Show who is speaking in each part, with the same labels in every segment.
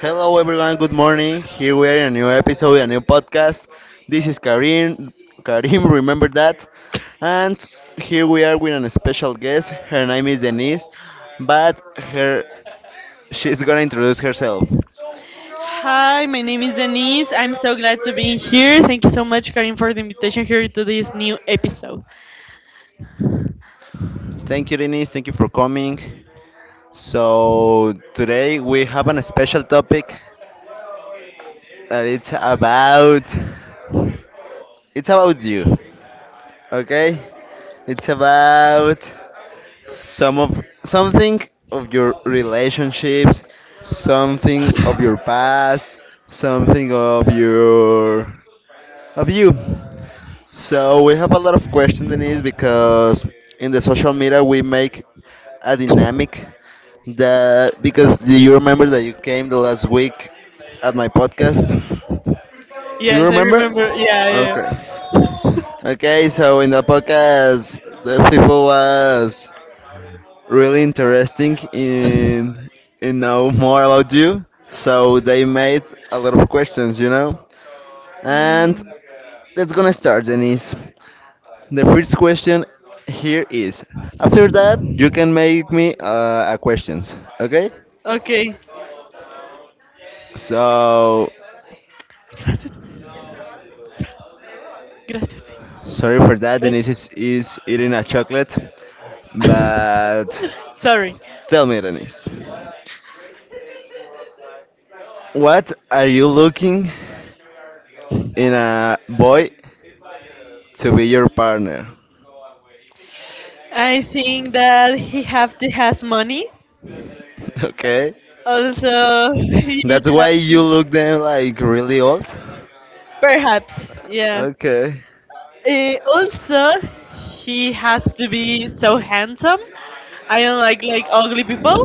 Speaker 1: Hello, everyone. Good morning. Here we are in a new episode, a new podcast. This is Karim. Karim, remember that. And here we are with a special guest. Her name is Denise, but her she's gonna introduce herself.
Speaker 2: Hi, my name is Denise. I'm so glad to be here. Thank you so much, Karim, for the invitation here to this new episode.
Speaker 1: Thank you, Denise. Thank you for coming. So today we have a special topic that it's about. It's about you. Okay. It's about something of your relationships, something of your past, something of your of you. So we have a lot of questions, Denise, because in the social media we make a dynamic that because do you remember that you came the last week at my podcast? Do you
Speaker 2: Yes, I
Speaker 1: remember?
Speaker 2: remember. Yeah, yeah,
Speaker 1: Okay.
Speaker 2: yeah.
Speaker 1: Okay, so in the podcast the people was really interesting in know more about you. So they made a lot of questions, you know. And
Speaker 2: Mm,
Speaker 1: let's gonna start, Denise. The first question here is: after that, you can make me a questions, okay?
Speaker 2: okay.
Speaker 1: So
Speaker 2: Gracias. Gracias.
Speaker 1: sorry for that. Denise
Speaker 2: Gracias.
Speaker 1: is, is eating a chocolate, but
Speaker 2: Sorry.
Speaker 1: tell me, Denise, what are you looking in a boy to be your partner?
Speaker 2: I think that he have to has money.
Speaker 1: Okay.
Speaker 2: Also, he
Speaker 1: That's why you
Speaker 2: have
Speaker 1: look them like really old?
Speaker 2: perhaps, yeah.
Speaker 1: Okay.
Speaker 2: Also, he has to be so handsome. I don't like ugly people.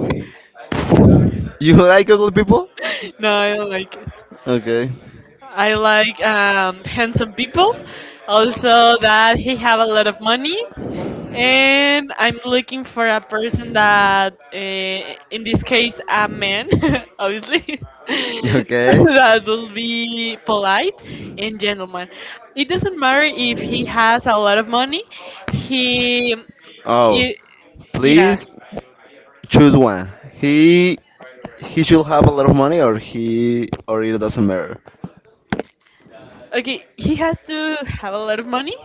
Speaker 1: You like old people?
Speaker 2: No, I don't like it.
Speaker 1: Okay.
Speaker 2: I like handsome people. Also, that he have a lot of money. And I'm looking for a person that, in this case, a man, obviously,
Speaker 1: Okay.
Speaker 2: that will be polite and gentleman. It doesn't matter if he has a lot of money. He,
Speaker 1: Oh,
Speaker 2: I Yeah,
Speaker 1: please choose one. He should have a lot of money, or he or it doesn't matter.
Speaker 2: okay, he has to have a lot of money.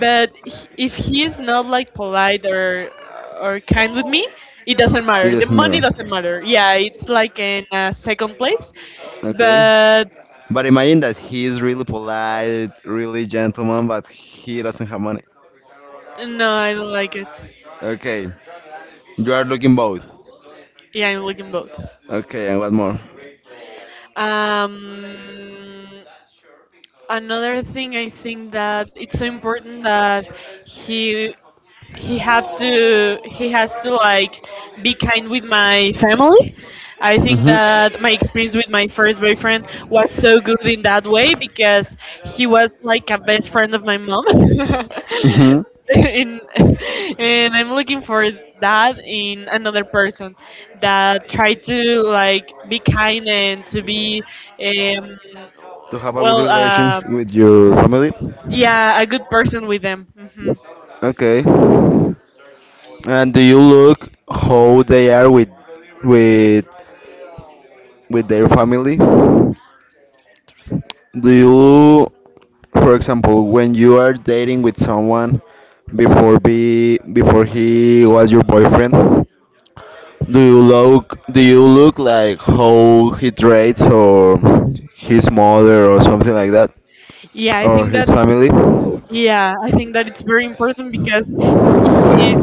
Speaker 2: But if he is not like polite or kind with me, it doesn't
Speaker 1: It
Speaker 2: matter. The
Speaker 1: doesn't
Speaker 2: money doesn't
Speaker 1: matter.
Speaker 2: matter. Yeah, it's like in second place,
Speaker 1: Okay.
Speaker 2: but
Speaker 1: But imagine that he is really polite, really gentleman, but he doesn't have money.
Speaker 2: no, I don't like it.
Speaker 1: Okay. You are looking both.
Speaker 2: Yeah, I'm looking both.
Speaker 1: Okay, and what more?
Speaker 2: Um, another thing, I think that it's so important that he he has to like be kind with my family. I think
Speaker 1: Mm-hmm.
Speaker 2: that my experience with my first boyfriend was so good in that way, because he was like a best friend of my mom,
Speaker 1: Mm-hmm.
Speaker 2: and, and I'm looking for that in another person, that try to like be kind and to be, um,
Speaker 1: To have a good
Speaker 2: well,
Speaker 1: relations with your family?
Speaker 2: yeah, a good person with them. hmm
Speaker 1: Prefer. Okay. And do you look how they are with with with their family? Do you, for example, when you are dating with someone before he was your boyfriend, do you look like how he treats or his mother or something like that?
Speaker 2: yeah i
Speaker 1: Or
Speaker 2: think
Speaker 1: his
Speaker 2: that
Speaker 1: family?
Speaker 2: Yeah, I think that it's very important because he is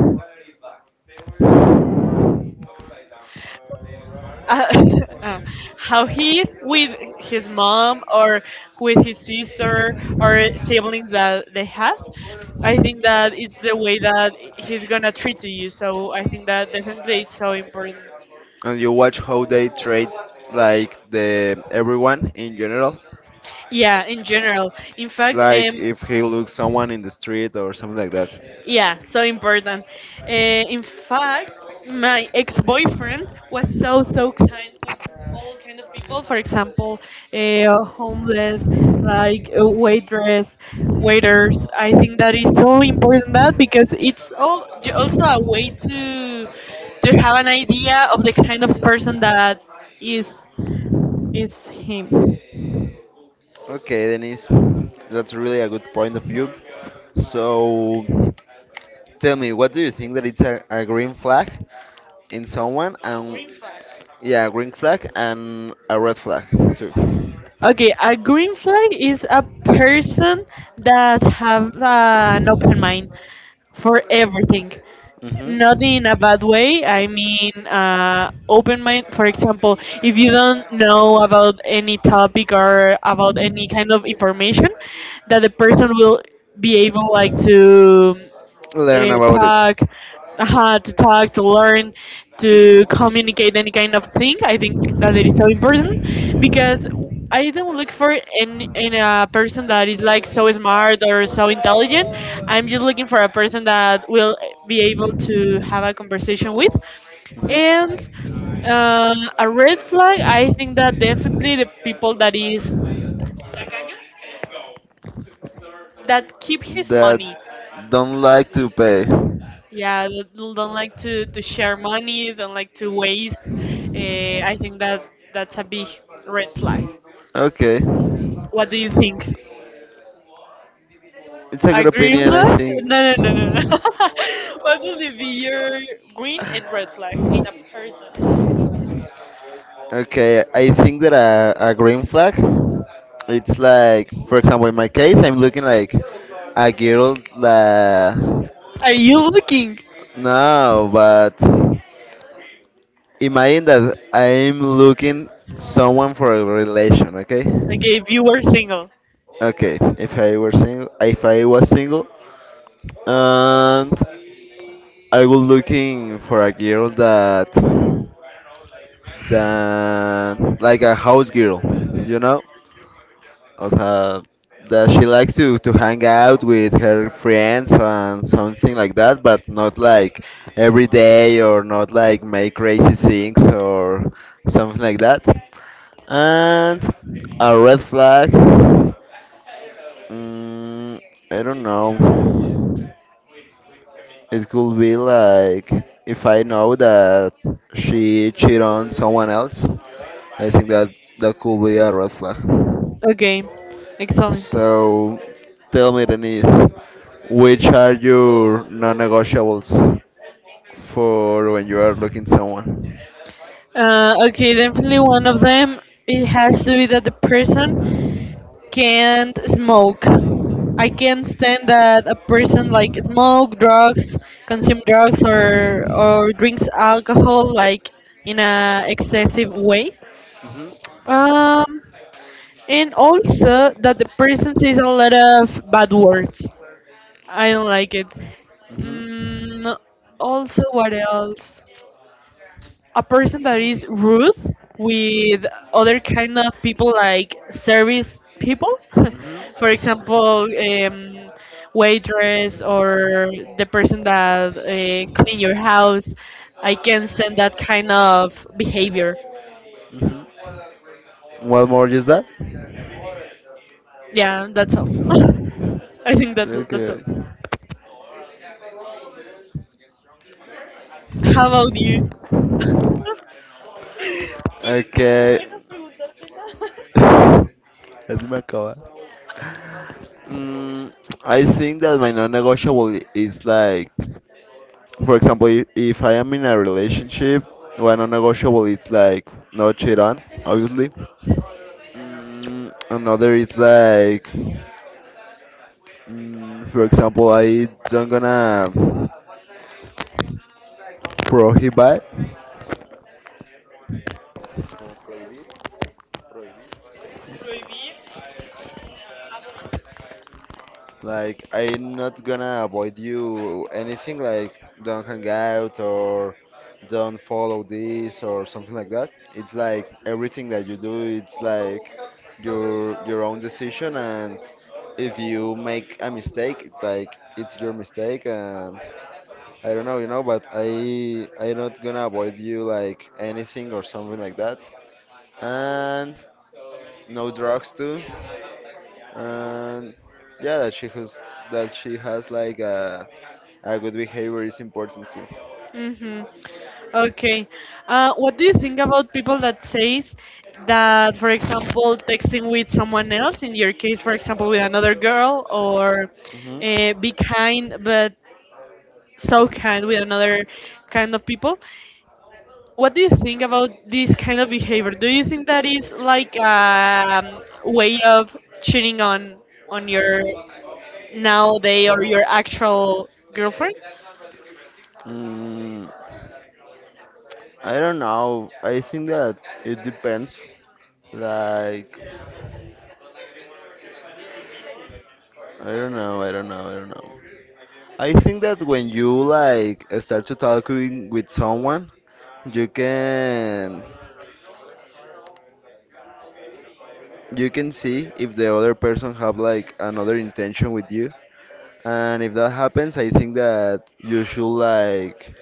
Speaker 2: uh, uh, how he is with his mom or with his sister or siblings that they have. I think that it's the way that he's gonna treat to you. So I think that definitely it's so important.
Speaker 1: And you watch how they treat like the everyone in general?
Speaker 2: Yeah, in general. In fact,
Speaker 1: Like
Speaker 2: um,
Speaker 1: if he looks someone in the street or something like that.
Speaker 2: Yeah, so important. Uh, in fact, my ex-boyfriend was so kind with all kind of people. For example, homeless, like waitress, waiters. I think that is so important, that because it's all also a way to have an idea of the kind of person that is is him.
Speaker 1: Okay, Denise, that's really a good point of view. So tell me, what do you think that it's a green flag in someone? And
Speaker 2: Green flag.
Speaker 1: yeah, a green flag and a red flag too.
Speaker 2: Okay, a green flag is a person that have an open mind for everything.
Speaker 1: Mhm.
Speaker 2: Not in a bad way, I mean, open mind. For example, if you don't know about any topic or about any kind of information, that the person will be able like to
Speaker 1: Learn
Speaker 2: uh,
Speaker 1: about it.
Speaker 2: talk how to talk, to learn, to communicate any kind of thing. I think that it is so important because I don't look for, in a person that is like so smart or so intelligent. I'm just looking for a person that will be able to have a conversation with. And
Speaker 1: Mhm.
Speaker 2: uh, a red flag, I think that definitely the people that keep his
Speaker 1: That
Speaker 2: money.
Speaker 1: don't like to pay.
Speaker 2: Yeah, don't like to share money, don't like to waste. Uh, I think that that's a big red flag.
Speaker 1: Okay.
Speaker 2: What do you think?
Speaker 1: It's a
Speaker 2: A
Speaker 1: good
Speaker 2: green
Speaker 1: opinion, I
Speaker 2: flag? No, no, no,
Speaker 1: think.
Speaker 2: no, no. What would be your green and red flag in a person?
Speaker 1: Okay, I think that a green flag, it's like, for example, in my case, I'm looking like a girl that.
Speaker 2: Are you looking?
Speaker 1: No, but imagine that I'm looking someone for a relation, okay?
Speaker 2: Okay, if you were single.
Speaker 1: Okay, if I were single, if I was single, and I was looking for a girl that like a house girl, you know? Also, that she likes to hang out with her friends and something like that, but not like every day or not like make crazy things or something like that. And a red flag, mm, I don't know. It could be like if I know that she cheated on someone else, I think that that could be a red flag.
Speaker 2: Okay, excellent.
Speaker 1: So tell me, Denise, which are your non-negotiables for when you are looking someone?
Speaker 2: Okay, definitely one of them. It has to be that the person can't smoke. I can't stand that a person like smoke drugs, consume drugs, or drinks alcohol like in a excessive way.
Speaker 1: Mhm,
Speaker 2: Um, and also, that the person says a lot of bad words. I don't like it.
Speaker 1: mhm.
Speaker 2: Mm, also, what else? A person that is rude with other kind of people, like service people,
Speaker 1: Mhm.
Speaker 2: for example, waitress, or the person that clean your house. I can send that kind of behavior.
Speaker 1: Mhm. What more is that?
Speaker 2: Yeah, that's all. I think that's all.
Speaker 1: Okay.
Speaker 2: How about you?
Speaker 1: Okay. Así me acaba. Mm, I think that my non-negotiable is like, for example, if I am in a relationship, my non-negotiable is like no cheat on, obviously. Another is like, for example, I don't gonna prohibit. Like I'm not gonna avoid you anything like don't hang out or don't follow this or something like that. It's like everything that you do it's like your own decision, and if you make a mistake like it's your mistake, and I don't know, you know, but I'm not gonna avoid you like anything or something like that. And no drugs too, and yeah, that she has like a good behavior is important too.
Speaker 2: Mm-hmm. Okay. What do you think about people that says that, for example, texting with someone else, in your case, for example, with another girl, or
Speaker 1: Hmm.
Speaker 2: be kind, but so kind with another kind of people? What do you think about this kind of behavior? Do you think that is like a way of cheating on your nowadays or your actual girlfriend?
Speaker 1: mm, I don't know. I think that it depends, like, I don't know, I don't know, I don't know. I think that when you like start to talking with someone, you can you can see if the other person have like another intention with you. And if that happens, I think that you should like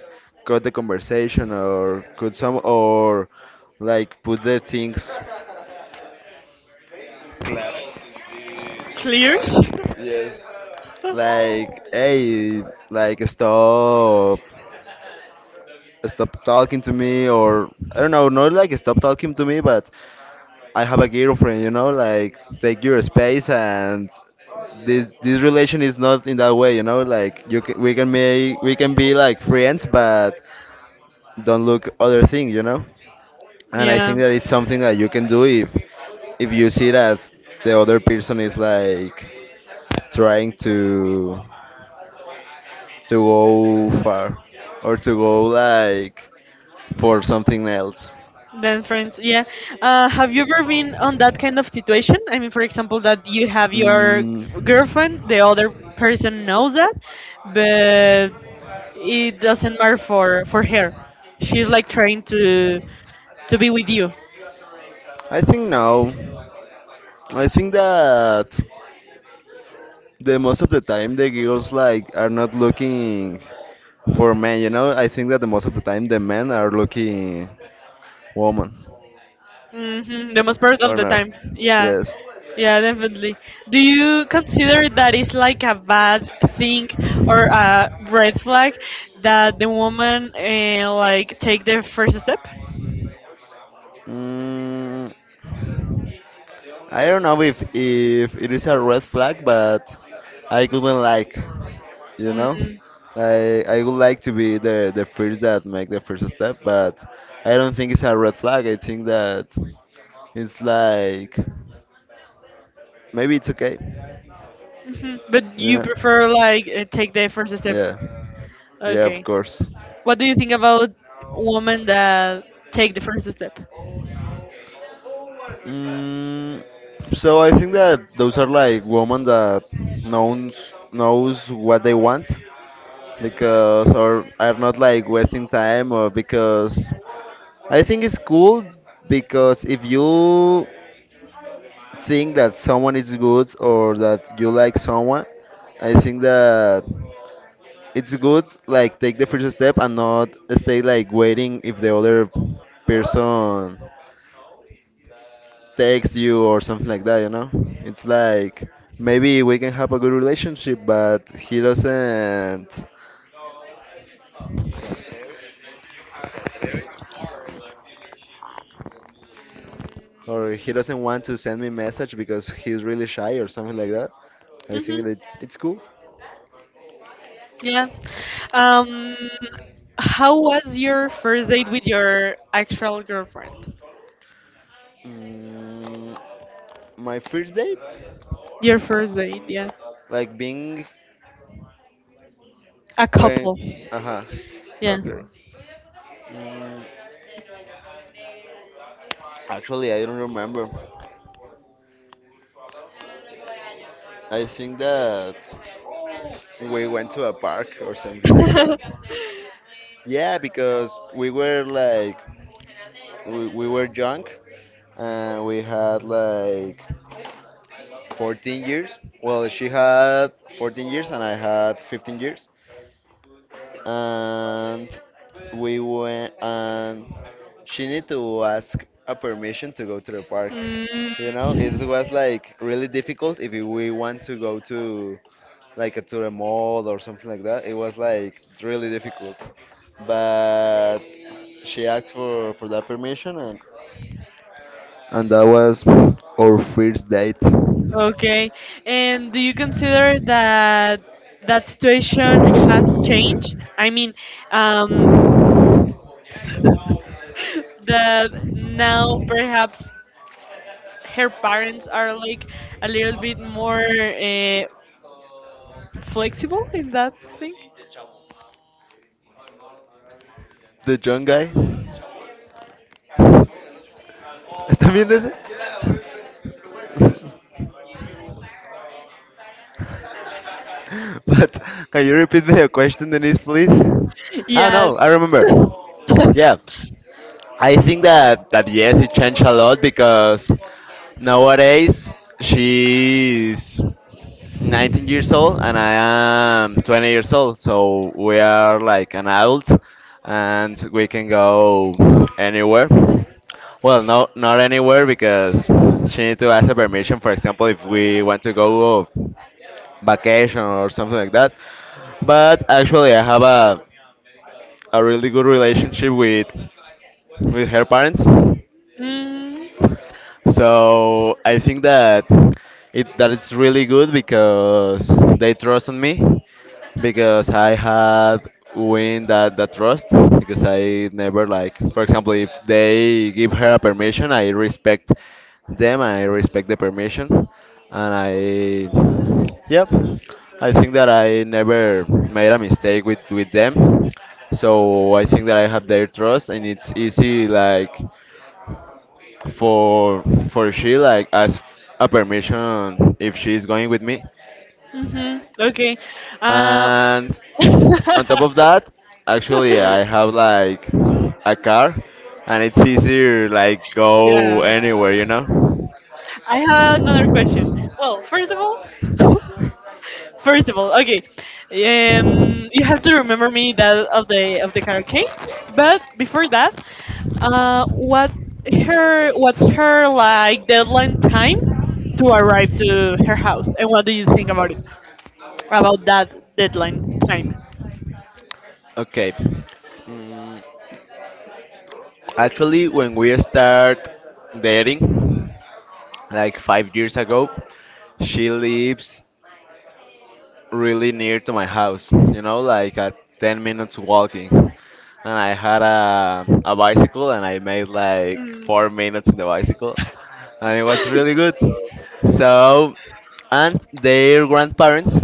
Speaker 1: cut the conversation or cut some or like put the things
Speaker 2: Clears?
Speaker 1: like hey, like stop, stop talking to me, or I don't know, not like stop talking to me, but I have a girlfriend, you know? Like take your space, and this relation is not in that way, you know? Like you can, we can make, we can be like friends, but don't look other thing, you know? And I
Speaker 2: Yeah.
Speaker 1: think that it's something that you can do if you see that the other person is like trying to go far or to go like for something else.
Speaker 2: Then friends, yeah. Have you ever been on that kind of situation? I mean, for example, that you have your
Speaker 1: Mm,
Speaker 2: girlfriend, the other person knows that, but it doesn't matter for her. She's like trying to be with you.
Speaker 1: I think no. I think that the most of the time the girls like are not looking for men, you know? I think that the most of the time the men are looking women.
Speaker 2: The most part of
Speaker 1: Or
Speaker 2: the
Speaker 1: no?
Speaker 2: time. Yeah,
Speaker 1: Yes.
Speaker 2: yeah, definitely. Do you consider that it's like a bad thing or a red flag, that the woman like take the first step?
Speaker 1: Mm, I don't know if it is a red flag, but I couldn't like, you know,
Speaker 2: Mm.
Speaker 1: I would like to be the first that make the first step, but I don't think it's a red flag. I think that it's like maybe it's okay,
Speaker 2: Mhm. But
Speaker 1: you
Speaker 2: you
Speaker 1: know?
Speaker 2: prefer like take the first step.
Speaker 1: Yeah, yeah, of
Speaker 2: Okay.
Speaker 1: course.
Speaker 2: What do you think about women that take the first step?
Speaker 1: Mm, so I think that those are like women that knows what they want because or are not like wasting time or because I think it's cool because if you think that someone is good or that you like someone, I think that it's good like take the first step and not stay like waiting if the other person texts you or something like that, you know? It's like maybe we can have a good relationship, but he doesn't or he doesn't want to send me message because he's really shy or something like that. I think
Speaker 2: hmm
Speaker 1: that it's cool.
Speaker 2: Yeah. Um, how was your first date with your actual girlfriend?
Speaker 1: mm, my first date
Speaker 2: Your first date, yeah.
Speaker 1: like being.
Speaker 2: A
Speaker 1: When,
Speaker 2: couple,
Speaker 1: ajá.
Speaker 2: yeah.
Speaker 1: Okay. Mm, actually, I don't remember. I think that we went to a park or something like that. Yeah, because we were like we were young, and we had like 14 years. Well, she had 14 years and I had 15 years. And we went, and she need to ask a permission to go to the park.
Speaker 2: Mm.
Speaker 1: You know, it was like really difficult if we want to go to like to the mall or something like that. It was like really difficult, but she asked for that permission, and that was our first date.
Speaker 2: Okay. And do you consider that that situation has changed? I mean, um, that now perhaps her parents are like a little bit more flexible in that thing?
Speaker 1: The young guy. ¿Están viendo ese? But can you repeat me the question, Denise, please? I don't
Speaker 2: Yes.
Speaker 1: know. I remember. Yeah, I think that that yes, it changed a lot because nowadays she's 19 years old and I am 20 years old, so we are like an adult and we can go anywhere. Well, no, not anywhere because she need to ask a permission. For example, if we want to go vacation or something like that. But actually, I have a really good relationship with her parents.
Speaker 2: Mm,
Speaker 1: So I think that it that it's really good because they trust on me because I had win that trust because I never like, for example, if they give her a permission, I respect them, I respect the permission, and I yep, I think that I never made a mistake with them, so I think that I have their trust, and it's easy like for she like ask a permission if she's going with me.
Speaker 2: okay. Uh,
Speaker 1: And on top of that, actually I have like a car, and it's easier like go
Speaker 2: yeah.
Speaker 1: anywhere, you know?
Speaker 2: I have another question. Well, first of all, first of all, okay, you have to remember me that of the karaoke. But before that, uh, what what's her like deadline time to arrive to her house, and what do you think about it, about that deadline time?
Speaker 1: Okay. mm, actually, when we start dating like 5 years ago, she lives really near to my house, you know, like at 10 minutes walking. And I had a bicycle and I made like
Speaker 2: Mm,
Speaker 1: 4 minutes in the bicycle. And it was really good. So, and their grandparents,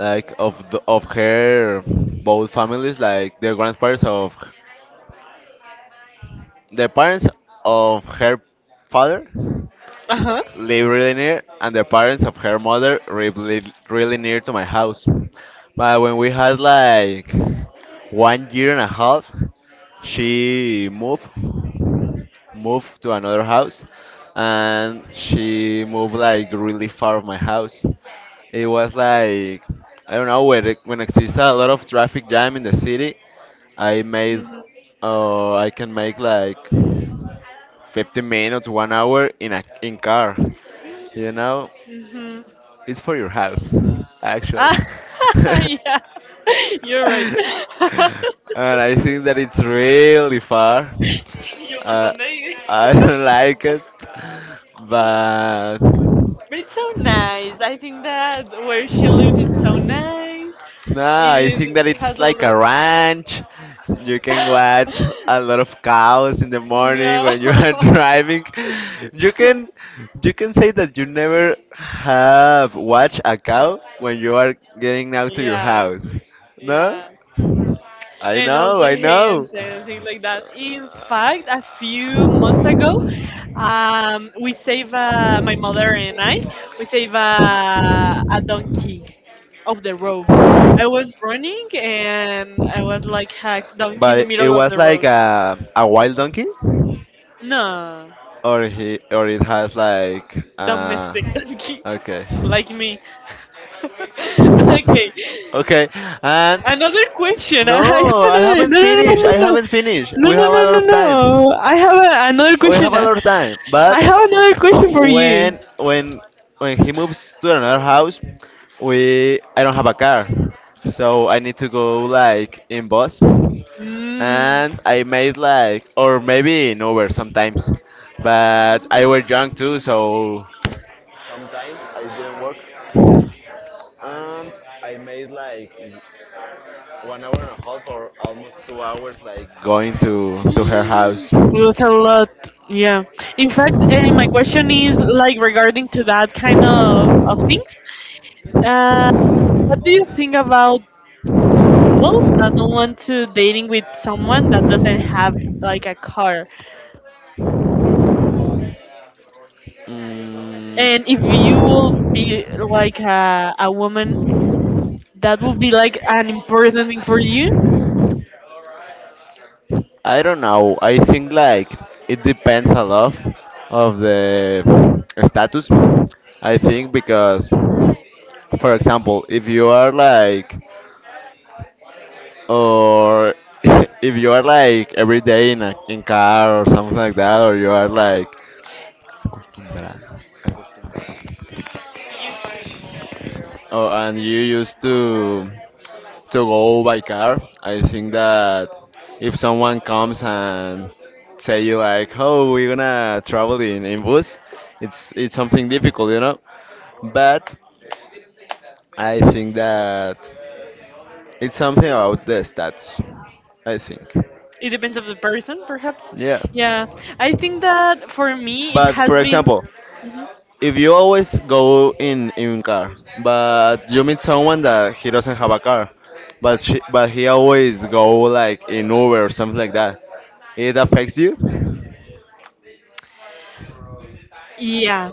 Speaker 1: like of the, of her both families, like the grandparents of the parents of her father
Speaker 2: uh huh.
Speaker 1: live really near, and the parents of her mother live li- really near to my house. But when we had like 1 year and a half, she moved, to another house, and she moved like really far of my house. It was like I don't know when when exists a lot of traffic jam in the city. I made,
Speaker 2: Mhm.
Speaker 1: I can make like 50 minutes, 1 hour in a in car. You know,
Speaker 2: Mhm.
Speaker 1: it's for your house,
Speaker 2: Ah,
Speaker 1: actually. And
Speaker 2: yeah. You're right.
Speaker 1: I think that it's really far.
Speaker 2: Yo, ¿por
Speaker 1: Uh,
Speaker 2: dónde iba?
Speaker 1: I don't like it, but.
Speaker 2: But it's so nice. I think that where she lives, it's so nice.
Speaker 1: No, I think that
Speaker 2: It
Speaker 1: it's
Speaker 2: has a
Speaker 1: like
Speaker 2: little.
Speaker 1: a ranch. You can watch a lot of cows in the morning when you are driving. You
Speaker 2: No.
Speaker 1: can you can say that you never have watched a cow when you are getting out to your
Speaker 2: Yeah.
Speaker 1: house. No?
Speaker 2: Yeah.
Speaker 1: I
Speaker 2: And
Speaker 1: know,
Speaker 2: also
Speaker 1: I know.
Speaker 2: hands and things like that. In fact, a few months ago, we save, my mother and I. We save, a donkey of the road. I was running and I was like a donkey in
Speaker 1: But
Speaker 2: the
Speaker 1: it
Speaker 2: middle of
Speaker 1: was
Speaker 2: the
Speaker 1: like
Speaker 2: road.
Speaker 1: a wild donkey,
Speaker 2: No,
Speaker 1: or he, or it has like
Speaker 2: domestic donkey,
Speaker 1: okay.
Speaker 2: like me. Okay,
Speaker 1: Okay, and
Speaker 2: another question. I have
Speaker 1: no, I
Speaker 2: another.
Speaker 1: haven't finished. I
Speaker 2: No,
Speaker 1: haven't finished.
Speaker 2: no,
Speaker 1: We
Speaker 2: no, no,
Speaker 1: have a
Speaker 2: no,
Speaker 1: lot
Speaker 2: no, no, no,
Speaker 1: of
Speaker 2: no. No.
Speaker 1: time.
Speaker 2: No. I have another
Speaker 1: We have
Speaker 2: question.
Speaker 1: a lot of
Speaker 2: I
Speaker 1: time, but
Speaker 2: have another question for you.
Speaker 1: when when when he moves to another house, we I don't have a car, so I need to go like in bus,
Speaker 2: Mm.
Speaker 1: and I made like, or maybe in Uber sometimes, but I was drunk too, so sometimes I didn't work, and I made like 1 hour and a half or almost 2 hours like going to to her house.
Speaker 2: With a lot, yeah. In fact, my question is like regarding to that kind of things. Uh, What do you think about people that don't want to dating with someone that doesn't have like a car? And if you
Speaker 1: Mm.
Speaker 2: will be like a woman, that will be like an important thing for you.
Speaker 1: I don't know. I think like it depends a lot of the status. I think because, for example, if you are like, or if you are like every day in a in car or something like that, or you are like acostumbrado, or and you used to go by car. I think that if someone comes and say you like, "Oh, we're gonna travel in bus," it's something difficult, you know. But I think that it's something about the status. I think,
Speaker 2: It depends of the person, perhaps.
Speaker 1: yeah.
Speaker 2: Yeah, I think that for me it
Speaker 1: But
Speaker 2: has
Speaker 1: for
Speaker 2: been.
Speaker 1: example,
Speaker 2: Mm-hmm.
Speaker 1: if you always go in car, but you meet someone that he doesn't have a car, but he always go like in Uber or something like that, it affects you.
Speaker 2: Yeah,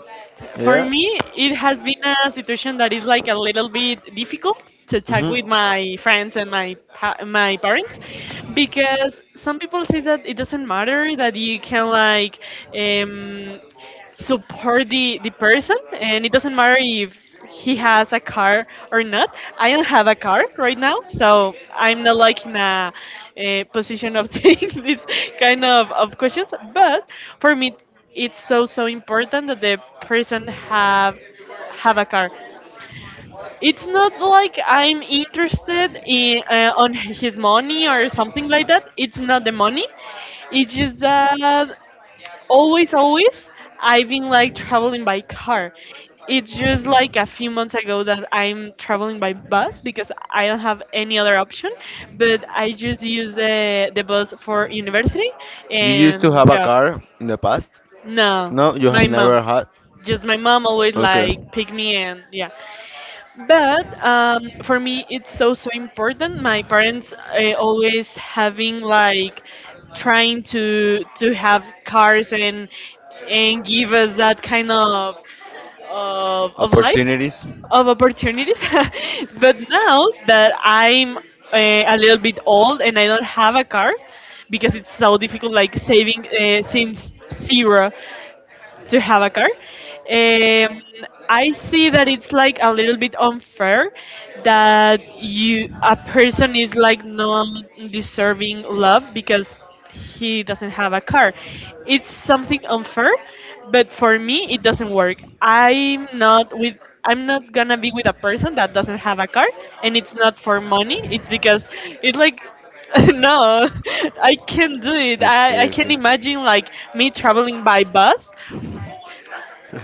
Speaker 2: for
Speaker 1: Yeah.
Speaker 2: me, it has been a situation that is like a little bit difficult to talk
Speaker 1: Hmm.
Speaker 2: with my friends and my my parents, because some people say that it doesn't matter, that you can like um, support the person, and it doesn't matter if he has a car or not. I don't have a car right now, so I'm not like in a position of taking this kind of questions. But for me it's so important that the person have a car. It's not like I'm interested in on his money or something like that. It's not the money. It's just that always I've been like traveling by car. It's just like a few months ago that I'm traveling by bus, because I don't have any other option. But I just use the bus for university
Speaker 1: You used to
Speaker 2: and
Speaker 1: have a
Speaker 2: job.
Speaker 1: car in the past.
Speaker 2: No.
Speaker 1: No, you have
Speaker 2: my mom
Speaker 1: never had.
Speaker 2: just my mom always
Speaker 1: Okay.
Speaker 2: like pick me, and yeah. But for me, it's so important. My parents, always having like trying to have cars, and give us that kind of life,
Speaker 1: Opportunities.
Speaker 2: of opportunities. But now that I'm a little bit old and I don't have a car, because it's so difficult, like saving, since zero, to have a car. Um, I see that it's like a little bit unfair, that you a person is like not deserving love because he doesn't have a car. It's something unfair, but for me it doesn't work. I'm not gonna be with a person that doesn't have a car, and it's not for money. It's because it's like no, I can't do it. I can
Speaker 1: okay.
Speaker 2: imagine like me traveling by bus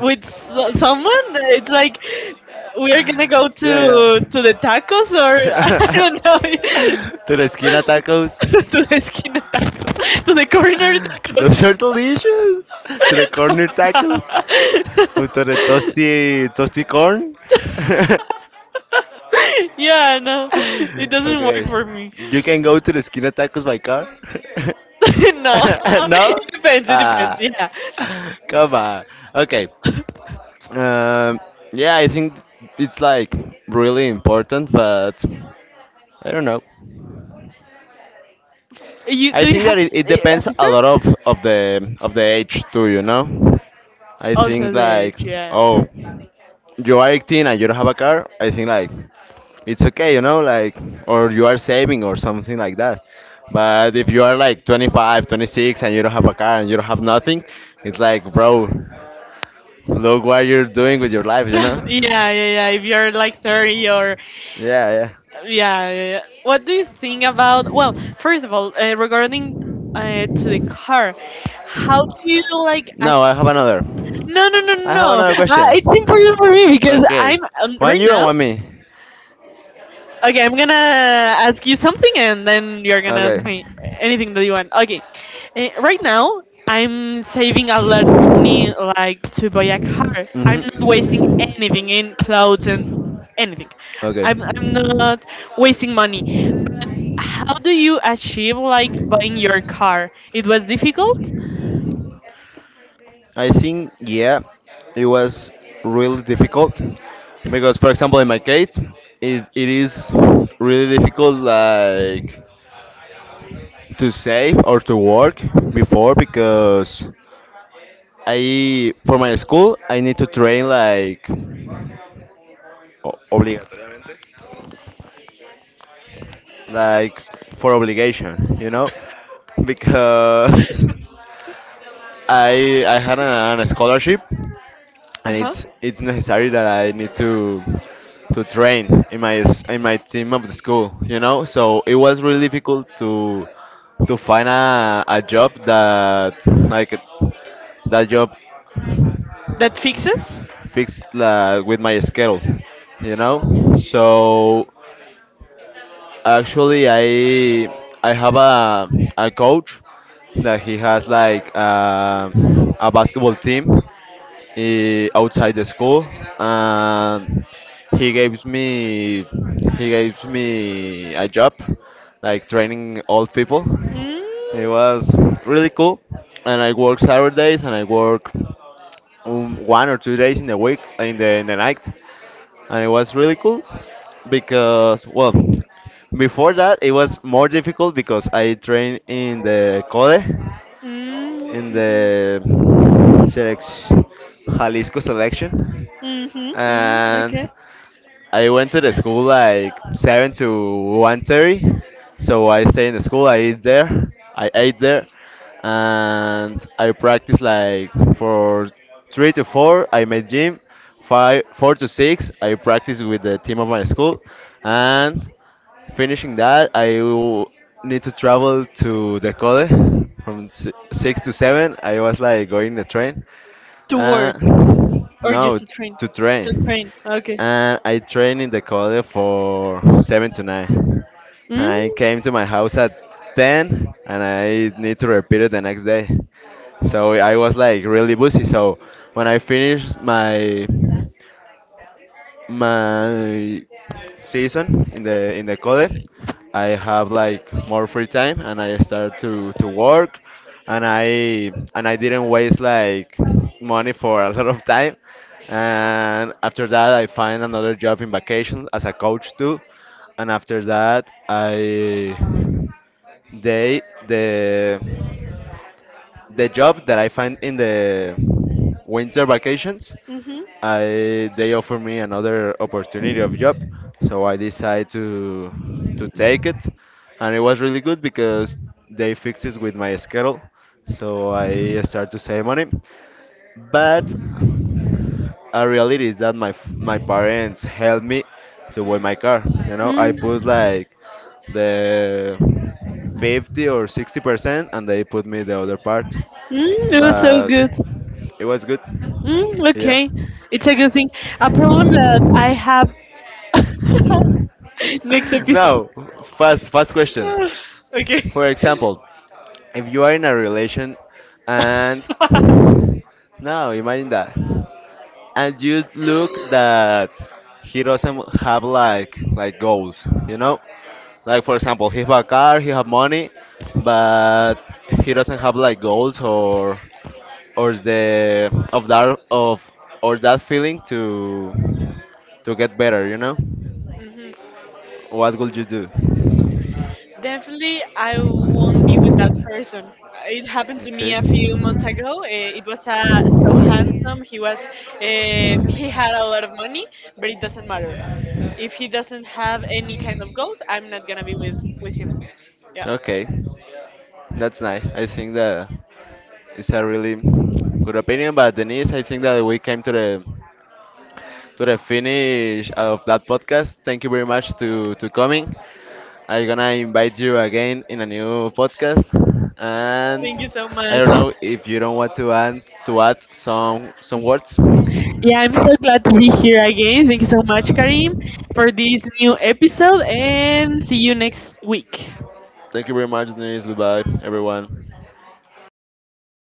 Speaker 2: with someone. It's like we are gonna go to to the tacos, or I don't know,
Speaker 1: To the tacos
Speaker 2: to
Speaker 1: or.
Speaker 2: the esquina tacos, to the corner tacos.
Speaker 1: Those are delicious. Autore toasty toasty corn.
Speaker 2: Yeah, no, it doesn't work
Speaker 1: okay,
Speaker 2: for me.
Speaker 1: you can go to the skin tacos by car.
Speaker 2: No, it
Speaker 1: no?
Speaker 2: depends it depends
Speaker 1: Ah,
Speaker 2: yeah.
Speaker 1: come on. Okay. Um, yeah, I think it's like really important, but I don't know.
Speaker 2: you
Speaker 1: I
Speaker 2: do you
Speaker 1: think
Speaker 2: have
Speaker 1: that it,
Speaker 2: s-
Speaker 1: it
Speaker 2: a
Speaker 1: depends
Speaker 2: sister?
Speaker 1: a lot of the age too. You know, I
Speaker 2: Also
Speaker 1: think
Speaker 2: the
Speaker 1: like
Speaker 2: age, yeah.
Speaker 1: oh. You are 18 and you don't have a car, I think like it's okay, you know, like, or you are saving or something like that. But if you are like 25, 26 and you don't have a car and you don't have nothing, it's like, bro, look what you're doing with your life, you
Speaker 2: Yeah,
Speaker 1: know?
Speaker 2: yeah, yeah, if you're like 30 or,
Speaker 1: Yeah, yeah.
Speaker 2: yeah, yeah, yeah. What do you think about? Well, first of all, regarding, to the car, how do you like?
Speaker 1: No, I have another.
Speaker 2: No, no, no, no.
Speaker 1: I
Speaker 2: No.
Speaker 1: have another
Speaker 2: It's important
Speaker 1: question.
Speaker 2: for me, because I'm
Speaker 1: Okay. One
Speaker 2: right
Speaker 1: you and
Speaker 2: now.
Speaker 1: one me.
Speaker 2: Okay, I'm gonna ask you something, and then you're gonna ask
Speaker 1: Okay.
Speaker 2: me anything that you want. Okay, right now I'm saving a lot of money, like to buy a car. I'm not wasting
Speaker 1: Mm-hmm.
Speaker 2: anything in clothes and anything.
Speaker 1: Okay.
Speaker 2: I'm not wasting money. But how do you achieve like buying your car? It was difficult.
Speaker 1: I think, yeah, it was really difficult because, for example, in my case, it is really difficult, like to save or to work before because I, for my school, I need to train like obligatory, like for obligation, you know, because I had an scholarship,
Speaker 2: Uh
Speaker 1: and
Speaker 2: huh.
Speaker 1: it's necessary that I need to train in in my team of the school, you know. So it was really difficult to find a job that like, that job
Speaker 2: That fixes.
Speaker 1: fixed with my schedule, you know. So actually, I have a coach that he has like a basketball team, outside the school, and he gives me he gives me a job, like training old people. It
Speaker 2: Mm,
Speaker 1: was really cool, and I work Saturdays and I work 1 or 2 days in the week in the night, and it was really cool because, well, before that it was more difficult because I trained in the CODE,
Speaker 2: mm,
Speaker 1: in
Speaker 2: mm-hmm,
Speaker 1: the select Jalisco selection,
Speaker 2: mm-hmm, mm, okay.
Speaker 1: and I went to the school like 7 to 1:30, so I stay in the school. I eat there. I ate there, and I practice like for 3 to 4. I made gym. 4 to 6, I practice with the team of my school, and finishing that, I will need to travel to the college from 6 to 7. I was like going the train.
Speaker 2: To
Speaker 1: Uh,
Speaker 2: work. Or
Speaker 1: no,
Speaker 2: just to
Speaker 1: it's
Speaker 2: train?
Speaker 1: to
Speaker 2: To
Speaker 1: train,
Speaker 2: train. Okay.
Speaker 1: and I trained in the college for 7 to 9.
Speaker 2: Mm.
Speaker 1: I came to my house at 10, and I need to repeat it the next day. So I was like really busy. So when I finished my my season in the code, I have like more free time, and I start to work, and I didn't waste like money for a lot of time. And after that, I find another job in vacation as a coach too. And after that, I they the the job that I find in the winter vacations,
Speaker 2: Mhm.
Speaker 1: I, they offer me another opportunity of job, so I decide to take it, and it was really good because they fixed it with my schedule, so I start to save money, but a reality is that my parents helped me to buy my car. You know, I
Speaker 2: Mm.
Speaker 1: put
Speaker 2: Mm.
Speaker 1: like the 50 or 60%, and they put me the other part.
Speaker 2: It was so
Speaker 1: But
Speaker 2: good.
Speaker 1: it was good.
Speaker 2: Mm.
Speaker 1: Yeah.
Speaker 2: Okay. It's a good thing. A problem that I have. Next episode.
Speaker 1: now, fast fast question.
Speaker 2: Okay.
Speaker 1: For example, if you are in a relation, and now imagine that, and you look that he doesn't have like goals, you know? Like, for example, he have a car, he have money, but he doesn't have like goals, or the of that of or that feeling to get better, you know?
Speaker 2: Mhm.
Speaker 1: What would you do?
Speaker 2: Definitely, I won't be with that person. It happened to me a few months ago. It was, so handsome. He had a lot of money, but it doesn't matter. If he doesn't have any kind of goals, I'm not gonna be with him. Yeah.
Speaker 1: Okay, that's nice. I think that it's a really good opinion, but Denise, I think that we came to the finish of that podcast. Thank you very much to coming. I'm gonna invite you again in a new podcast, and
Speaker 2: Thank you so
Speaker 1: I
Speaker 2: much.
Speaker 1: don't know if you don't want to add some words.
Speaker 2: Yeah, I'm so glad to be here again. Thank you so much, Karim, for this new episode, and see you next week.
Speaker 1: Thank you very much, Denise. Goodbye, everyone.